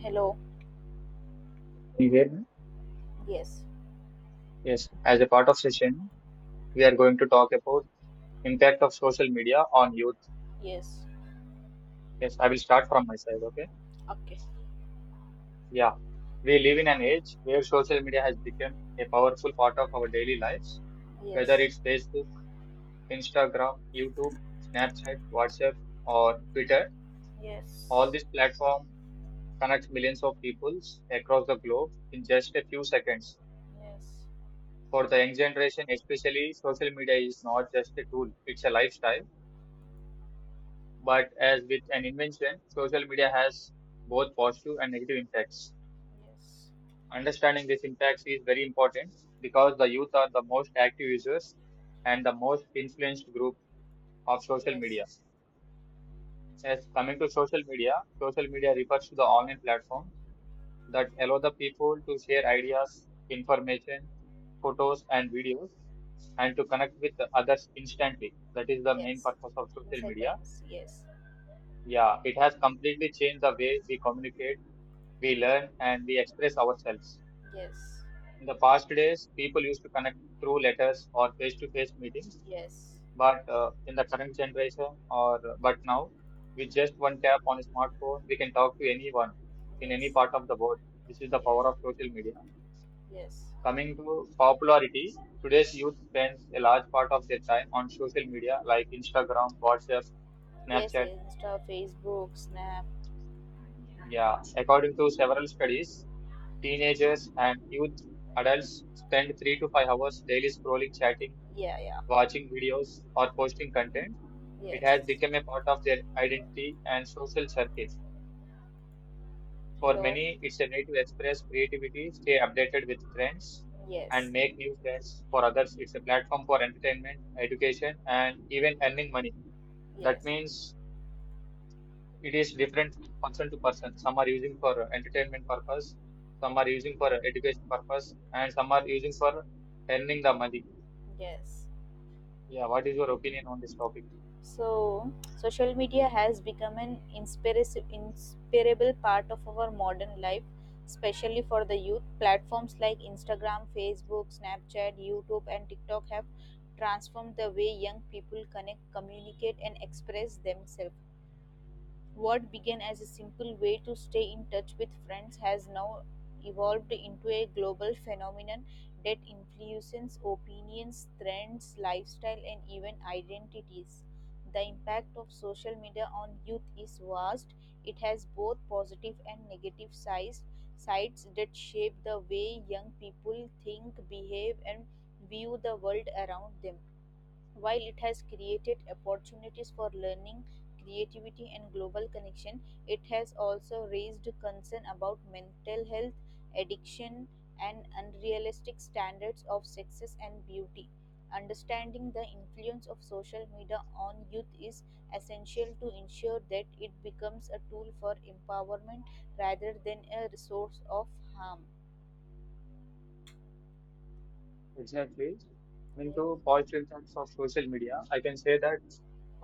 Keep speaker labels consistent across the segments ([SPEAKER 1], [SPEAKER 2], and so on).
[SPEAKER 1] Hello.
[SPEAKER 2] Anyway,
[SPEAKER 1] Yes.
[SPEAKER 2] yes, as a part of session, we are going to talk about impact of social media on youth.
[SPEAKER 1] Yes.
[SPEAKER 2] Yes, I will start from my side. Okay.
[SPEAKER 1] Okay.
[SPEAKER 2] Yeah. We live in an age where social media has become a powerful part of our daily lives, whether
[SPEAKER 1] Yes.
[SPEAKER 2] it's Facebook, Instagram, YouTube, Snapchat, WhatsApp, or Twitter. All
[SPEAKER 1] Yes.
[SPEAKER 2] these platforms connect millions of people across the globe in just a few seconds.
[SPEAKER 1] Yes.
[SPEAKER 2] For the young generation, especially, social media is not just a tool, it's a lifestyle. But as with an invention, social media has both positive and negative impacts.
[SPEAKER 1] Yes.
[SPEAKER 2] Understanding these impacts is very important because the youth are the most active users and the most influenced group of social
[SPEAKER 1] Yes.
[SPEAKER 2] media. As coming to social media refers to the online platform that allow the people to share ideas, information, photos, and videos and to connect with the others instantly. That is the main
[SPEAKER 1] Yes.
[SPEAKER 2] purpose of
[SPEAKER 1] In
[SPEAKER 2] social media.
[SPEAKER 1] seconds. Yes.
[SPEAKER 2] Yeah, it has completely changed the way we communicate, we learn, and we express ourselves.
[SPEAKER 1] Yes.
[SPEAKER 2] In the past days, people used to connect through letters or face-to-face meetings,
[SPEAKER 1] Yes.
[SPEAKER 2] but in the current generation, or but now, with just one tap on a smartphone, we can talk to anyone in any
[SPEAKER 1] Yes.
[SPEAKER 2] part of the world. This is the
[SPEAKER 1] Yes.
[SPEAKER 2] power of
[SPEAKER 1] Yes.
[SPEAKER 2] social media.
[SPEAKER 1] Yes.
[SPEAKER 2] Coming to popularity, today's youth spends a large part of their time on social media like Instagram, WhatsApp,
[SPEAKER 1] Yes.
[SPEAKER 2] Snapchat.
[SPEAKER 1] Insta, Facebook, Snap.
[SPEAKER 2] Yeah, according to several studies, teenagers and youth adults spend 3 to 5 hours daily scrolling, chatting,
[SPEAKER 1] Yeah. Yeah.
[SPEAKER 2] watching videos, or posting content. It has
[SPEAKER 1] Yes.
[SPEAKER 2] become a part of their identity and social circles. For
[SPEAKER 1] Hello.
[SPEAKER 2] many, it's a way to express creativity, stay updated with friends, and
[SPEAKER 1] Yes.
[SPEAKER 2] make new friends. For others, it's a platform for entertainment, education, and even earning money. That
[SPEAKER 1] Yes.
[SPEAKER 2] means it is different person to person. Some are using for entertainment purpose, some are using for education purpose, and some are using for earning the money.
[SPEAKER 1] Yes.
[SPEAKER 2] Yeah, what is your opinion on this topic?
[SPEAKER 1] So, social media has become an inspiris inspirable part of our modern life, especially for the youth. Platforms like Instagram, Facebook, Snapchat, YouTube, and TikTok have transformed the way young people connect, communicate, and express themselves. What began as a simple way to stay in touch with friends has now evolved into a global phenomenon that influences opinions, trends, lifestyle, and even identities. The impact of social media on youth is vast. It has both positive and negative sides, sides that shape the way young people think, behave, and view the world around them. While it has created opportunities for learning, creativity, and global connection, it has also raised concern about mental health, addiction, and unrealistic standards of success and beauty. Understanding the influence of social media on youth is essential to ensure that it becomes a tool for empowerment rather than a resource of harm.
[SPEAKER 2] Exactly. Coming to
[SPEAKER 1] Yes.
[SPEAKER 2] positive impacts of social media, I can say that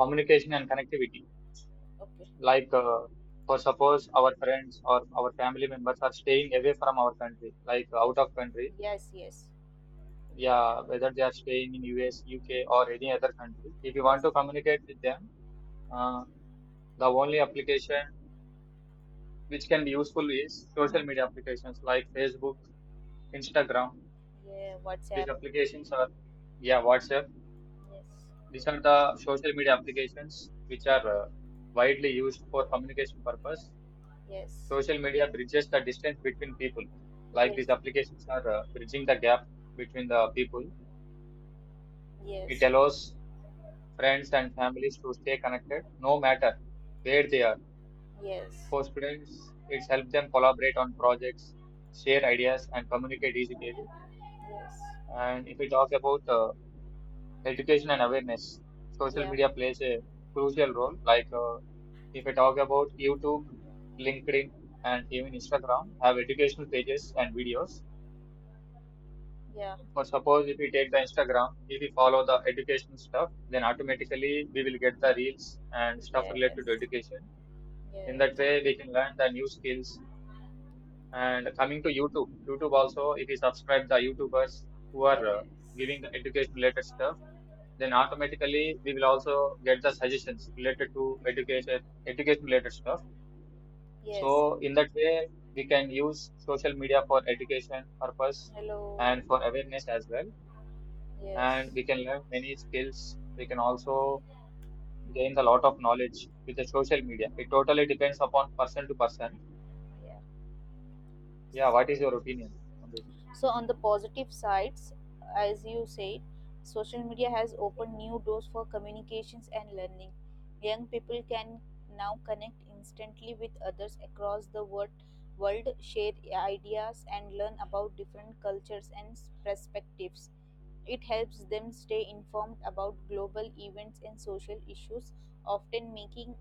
[SPEAKER 2] communication and connectivity,
[SPEAKER 1] Okay.
[SPEAKER 2] like uh, for suppose our friends or our family members are staying away from our country,
[SPEAKER 1] Ye-
[SPEAKER 2] out of country.
[SPEAKER 1] Yes, yes,
[SPEAKER 2] Yeah, whether they are staying in US, UK or any other country, if you want
[SPEAKER 1] yes.
[SPEAKER 2] to communicate with them, uh, the only application which can be useful is social media applications like Facebook, Instagram.
[SPEAKER 1] Yeah,
[SPEAKER 2] These
[SPEAKER 1] WhatsApp.
[SPEAKER 2] applications are, yeah, WhatsApp, these are the social media applications which are widely used for communication purpose.
[SPEAKER 1] Yes.
[SPEAKER 2] Social media bridges the distance between people. Like
[SPEAKER 1] Yes.
[SPEAKER 2] these applications are bridging the gap between the people. It
[SPEAKER 1] Yes.
[SPEAKER 2] allows friends and families to stay connected no matter where they are.
[SPEAKER 1] Yes.
[SPEAKER 2] For students, it's helped them collaborate on projects, share ideas, and communicate easily.
[SPEAKER 1] Yes.
[SPEAKER 2] And if we talk about education and awareness,
[SPEAKER 1] Yes.
[SPEAKER 2] social
[SPEAKER 1] Yeah.
[SPEAKER 2] media plays a crucial role. If we talk about YouTube, LinkedIn, and even Instagram, have educational pages and videos.
[SPEAKER 1] Yeah.
[SPEAKER 2] For suppose if we take the Instagram, if we follow the educational stuff, then automatically we will get the reels and stuff related to
[SPEAKER 1] Yes.
[SPEAKER 2] education. In that
[SPEAKER 1] Yes.
[SPEAKER 2] way, we can learn the new skills. And coming to YouTube, YouTube also, if you subscribe the YouTubers who are
[SPEAKER 1] Yes.
[SPEAKER 2] giving the education related stuff, then automatically we will also get the suggestions related to education, education related stuff.
[SPEAKER 1] Yes.
[SPEAKER 2] So in that way, we can use social media for education purpose
[SPEAKER 1] Hello.
[SPEAKER 2] and for awareness as well. And
[SPEAKER 1] Yes.
[SPEAKER 2] we can learn many skills. We can also gain a lot of knowledge with the social media. It totally depends upon person to person.
[SPEAKER 1] Yeah.
[SPEAKER 2] Yeah,
[SPEAKER 1] So
[SPEAKER 2] what is your opinion on
[SPEAKER 1] so on the positive sides, as you said, social media has opened new doors for communications and learning. Young people can now connect instantly with others across the world, share ideas, and learn about different cultures and perspectives. It helps them stay informed about global events and social issues, often making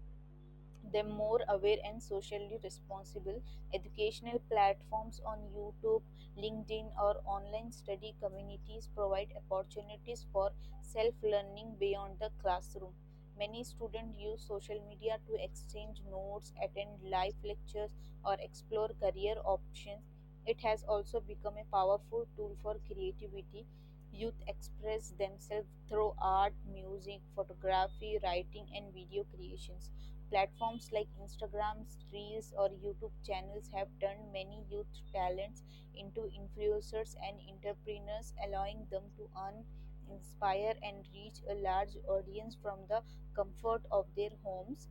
[SPEAKER 1] them more aware and socially responsible. Educational platforms on YouTube, LinkedIn, or online study communities provide opportunities for self learning beyond the classroom. Many students use social media to exchange notes, attend live lectures, or explore career options. It has also become a powerful tool for creativity. Youth express themselves through art, music, photography, writing, and video creations. Platforms like Instagram, Reels or YouTube channels have turned many youth talents into influencers and entrepreneurs, allowing them to earn, inspire, and reach a large audience from the comfort of their homes.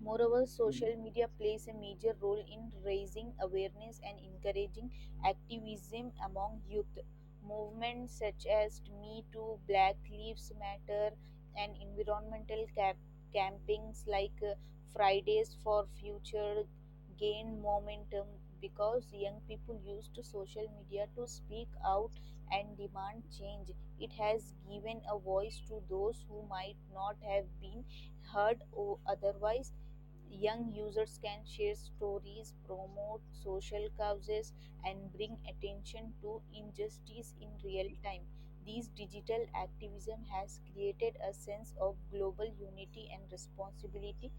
[SPEAKER 1] Moreover,
[SPEAKER 2] this?
[SPEAKER 1] social media plays a major role in raising awareness and encouraging activism among youth. Movements such as Me Too, Black Lives Matter, and environmental campings like Fridays for Future gain momentum because young people use to social media to speak out and demand change. It has given a voice to those who might not have been heard or otherwise. Young users can share stories, promote social causes, and bring attention to injustice in real time. These digital activism has created a sense of global unity and responsibility.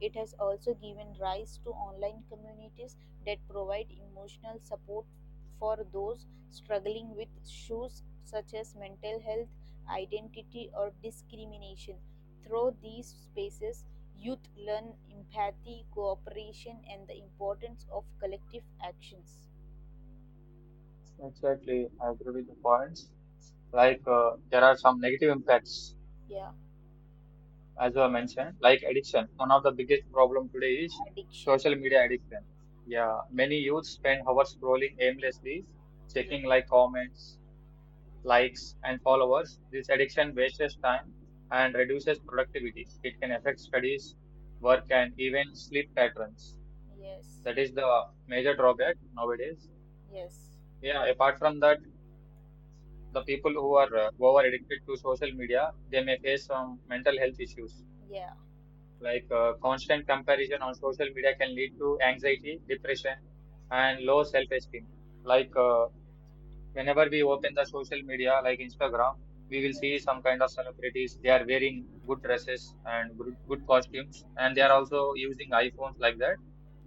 [SPEAKER 1] It has also given rise to online communities that provide emotional support for those struggling with issues such as mental health, identity, or discrimination. Through these spaces, youth learn empathy, cooperation, and the importance of collective actions.
[SPEAKER 2] Exactly, I agree with the points. There are some negative impacts,
[SPEAKER 1] Yeah,
[SPEAKER 2] as you have mentioned, like addiction. One of the biggest problem today is
[SPEAKER 1] addiction.
[SPEAKER 2] social media addiction. Yeah, many youth spend hours scrolling aimlessly,
[SPEAKER 1] Yeah.
[SPEAKER 2] checking like comments, likes, and followers. This addiction wastes time and reduces productivity. It can affect studies, work, and even sleep patterns.
[SPEAKER 1] Yes.
[SPEAKER 2] That is the major drawback nowadays.
[SPEAKER 1] Yes.
[SPEAKER 2] Yeah, apart from that, the people who are over addicted to social media, they may face some mental health issues.
[SPEAKER 1] Yeah.
[SPEAKER 2] Constant comparison on social media can lead to anxiety, depression, and low self esteem. Like uh, Whenever we open the social media, like Instagram, we will see
[SPEAKER 1] Yes.
[SPEAKER 2] some kind of celebrities. They are wearing good dresses and good costumes, and they are also using iPhones like that.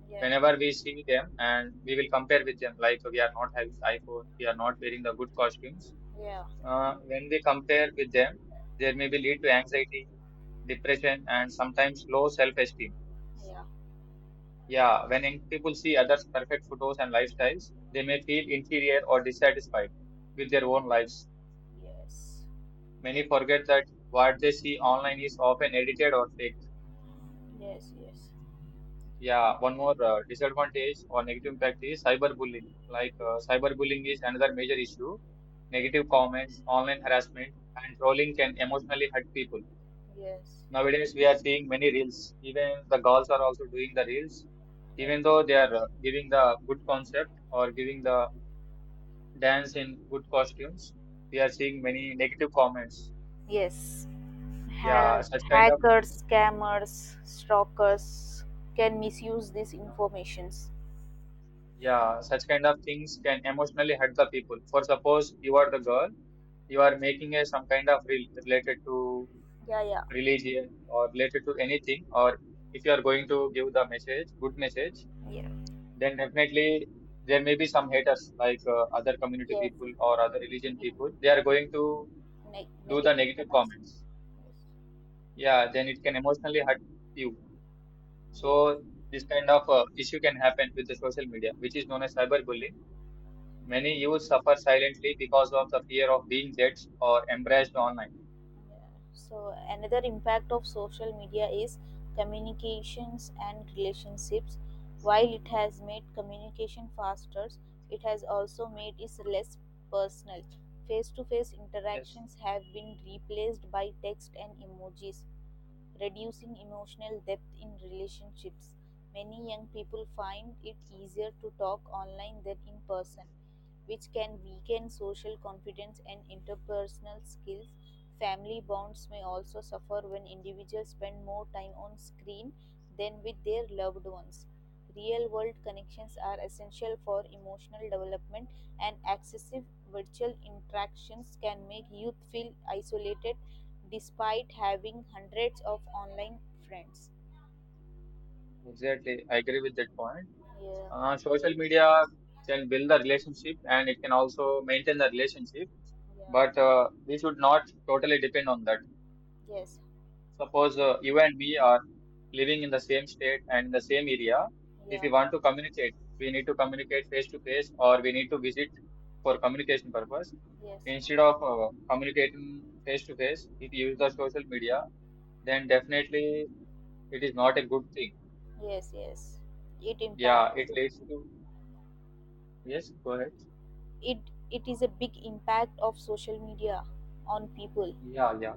[SPEAKER 1] Yeah.
[SPEAKER 2] Whenever we see them and we will compare with them, like we are not having iPhone, we are not wearing the good costumes,
[SPEAKER 1] Yeah.
[SPEAKER 2] when we compare with them, there may be lead to anxiety, depression, and sometimes low self esteem.
[SPEAKER 1] Yeah.
[SPEAKER 2] Yeah, when young people see others' perfect photos and lifestyles, they may feel inferior or dissatisfied with their own lives.
[SPEAKER 1] Yes.
[SPEAKER 2] Many forget that what they see online is often edited or fake.
[SPEAKER 1] Yes. Yes.
[SPEAKER 2] Yeah, one more disadvantage or negative impact is cyberbullying. Cyberbullying is another major issue.
[SPEAKER 1] Yeah.
[SPEAKER 2] Negative comments, online harassment, and trolling can emotionally hurt people.
[SPEAKER 1] Yes.
[SPEAKER 2] Nowadays, we are seeing many reels. Even the girls are also doing the reels,
[SPEAKER 1] Yeah.
[SPEAKER 2] even though they are giving the good concept or giving the dance in good costumes. We are seeing many negative comments.
[SPEAKER 1] Yes,
[SPEAKER 2] Yeah,
[SPEAKER 1] ha-
[SPEAKER 2] such kind of things.
[SPEAKER 1] hackers, scammers, stalkers can misuse these
[SPEAKER 2] Yeah,
[SPEAKER 1] informations.
[SPEAKER 2] yeah, such kind of things can emotionally hurt the people. For suppose you are the girl, you are making a some kind of reel related to
[SPEAKER 1] Yeah. Yeah.
[SPEAKER 2] religion or related to anything, or if you are going to give the message, good message,
[SPEAKER 1] Yeah.
[SPEAKER 2] then definitely there may be some haters like other community
[SPEAKER 1] Yes.
[SPEAKER 2] people or other religion people, they are going to do the
[SPEAKER 1] Negative
[SPEAKER 2] negative
[SPEAKER 1] comments.
[SPEAKER 2] comments.
[SPEAKER 1] Yes.
[SPEAKER 2] Yeah, then it can emotionally hurt you.
[SPEAKER 1] Yes.
[SPEAKER 2] So this kind of issue can happen with the social media, which is known as cyberbullying. Many youth suffer silently because of the fear of being judged or embraced online.
[SPEAKER 1] So, another impact of social media is communications and relationships. While it has made communication faster, it has also made it less personal. Face to face
[SPEAKER 2] Yes,
[SPEAKER 1] interactions have been replaced by text and emojis, reducing emotional depth in relationships. Many young people find it easier to talk online than in person, which can weaken social confidence and interpersonal skills. Family bonds may also suffer when individuals spend more time on screen than with their loved ones. Real world connections are essential for emotional development, and excessive virtual interactions can make youth feel isolated despite having hundreds of online friends.
[SPEAKER 2] exactly, I agree with that point.
[SPEAKER 1] Yeah,
[SPEAKER 2] Social media can build the relationship and it can also maintain the relationship,
[SPEAKER 1] yeah,
[SPEAKER 2] but we should not totally depend on that.
[SPEAKER 1] yes,
[SPEAKER 2] Suppose you and me are living in the same state and in the same area. If
[SPEAKER 1] yeah,
[SPEAKER 2] we want to communicate, we need to communicate face to face, or we need to visit for communication purpose.
[SPEAKER 1] yes,
[SPEAKER 2] Instead of communicating face to face, if you use the social media, then definitely it is not a good thing.
[SPEAKER 1] yes, yes. It impacts
[SPEAKER 2] Yeah, it
[SPEAKER 1] the-
[SPEAKER 2] leads to, yes. Go ahead.
[SPEAKER 1] it it is a big impact of social media on people.
[SPEAKER 2] Yeah, yeah.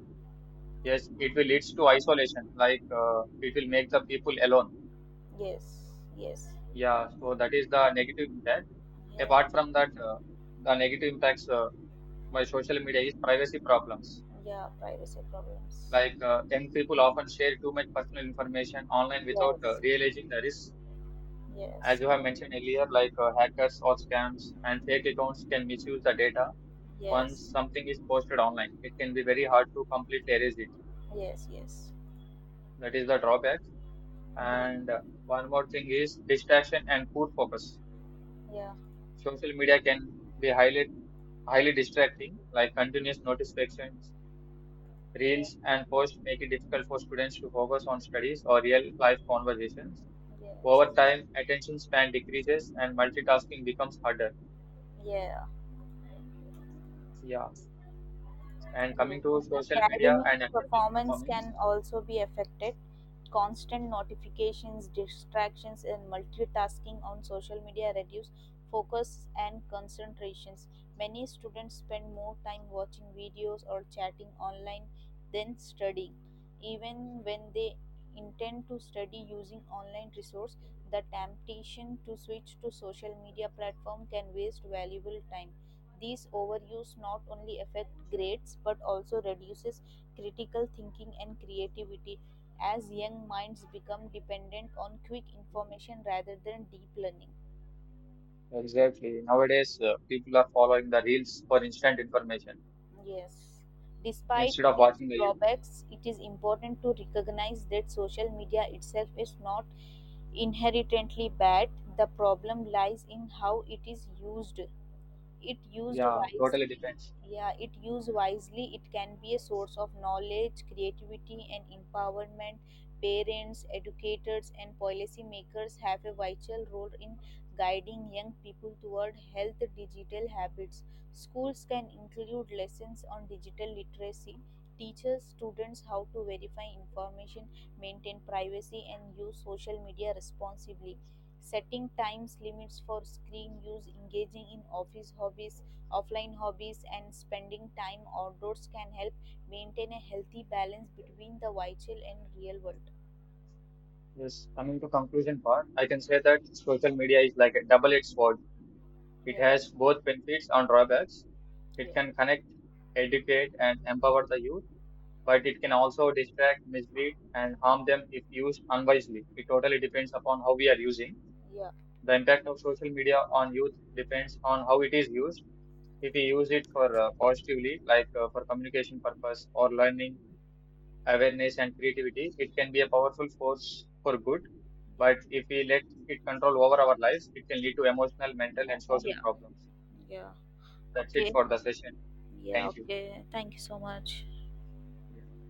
[SPEAKER 2] Yes, it will leads to isolation. It will make the people alone.
[SPEAKER 1] Yes, yes.
[SPEAKER 2] Yeah, so that is the negative impact.
[SPEAKER 1] Yeah,
[SPEAKER 2] Apart from that, the negative impacts by social media is privacy problems.
[SPEAKER 1] yeah, privacy problems.
[SPEAKER 2] Young people often share too much personal information online without
[SPEAKER 1] Yes,
[SPEAKER 2] realizing the risk. As
[SPEAKER 1] yes,
[SPEAKER 2] you have mentioned earlier, hackers or scams and fake accounts can misuse the data. Once
[SPEAKER 1] yes,
[SPEAKER 2] something is posted online, it can be very hard to completely erase it.
[SPEAKER 1] yes, yes.
[SPEAKER 2] That is the drawback.
[SPEAKER 1] Yeah,
[SPEAKER 2] And one more thing is distraction and poor focus.
[SPEAKER 1] yeah,
[SPEAKER 2] Social media can be highly distracting, like continuous notifications, reels and posts make it difficult for students to focus on studies or real life conversations.
[SPEAKER 1] yeah, yes,
[SPEAKER 2] Over time, attention span decreases and multitasking becomes harder.
[SPEAKER 1] yeah.
[SPEAKER 2] Yeah. And
[SPEAKER 1] So,
[SPEAKER 2] coming to social media
[SPEAKER 1] academic
[SPEAKER 2] and academic
[SPEAKER 1] performance
[SPEAKER 2] performance.
[SPEAKER 1] can also be affected. Constant notifications, distractions, and multitasking on social media reduce focus and concentrations. Many students spend more time watching videos or chatting online than studying. Even when they intend to study using online resource, the temptation to switch to social media platform can waste valuable time. These overuse not only affect grades but also reduces critical thinking and creativity as young minds become dependent on quick information rather than deep learning.
[SPEAKER 2] Exactly. Nowadays, people are following the reels for instant information
[SPEAKER 1] Yes. Despite
[SPEAKER 2] instead of
[SPEAKER 1] these
[SPEAKER 2] watching the YouTube.
[SPEAKER 1] drawbacks, it is important to recognize that social media itself is not inherently bad. The problem lies in how it is used. It used
[SPEAKER 2] Yeah, totally
[SPEAKER 1] wisely
[SPEAKER 2] depends.
[SPEAKER 1] Yeah, it used wisely, it can be a source of knowledge, creativity, and empowerment. Parents, educators, and policymakers have a vital role in guiding young people toward health digital habits. Schools can include lessons on digital literacy, teaches students how to verify information, maintain privacy, and use social media responsibly. Setting times limits for screen use, engaging in offline hobbies, and spending time outdoors can help maintain a healthy balance between the virtual and real world.
[SPEAKER 2] Yes, coming to conclusion part, I can say that social media is like a double-edged sword. It
[SPEAKER 1] Yeah,
[SPEAKER 2] has both benefits and drawbacks. It
[SPEAKER 1] yeah,
[SPEAKER 2] can connect, educate, and empower the youth, but it can also distract, mislead, and harm them if used unwisely. It totally depends upon how we are using.
[SPEAKER 1] yeah,
[SPEAKER 2] The impact of social media on youth depends on how it is used. If we use it for positively, for communication purpose or learning, awareness, and creativity, it can be a powerful force for good.
[SPEAKER 1] yeah,
[SPEAKER 2] But if we let it control over our lives, it can lead to emotional, mental, and social
[SPEAKER 1] yeah,
[SPEAKER 2] problems.
[SPEAKER 1] yeah.
[SPEAKER 2] That's it
[SPEAKER 1] Okay,
[SPEAKER 2] for the session.
[SPEAKER 1] yeah,
[SPEAKER 2] Thank you.
[SPEAKER 1] okay. Thank you so much.
[SPEAKER 2] Yes.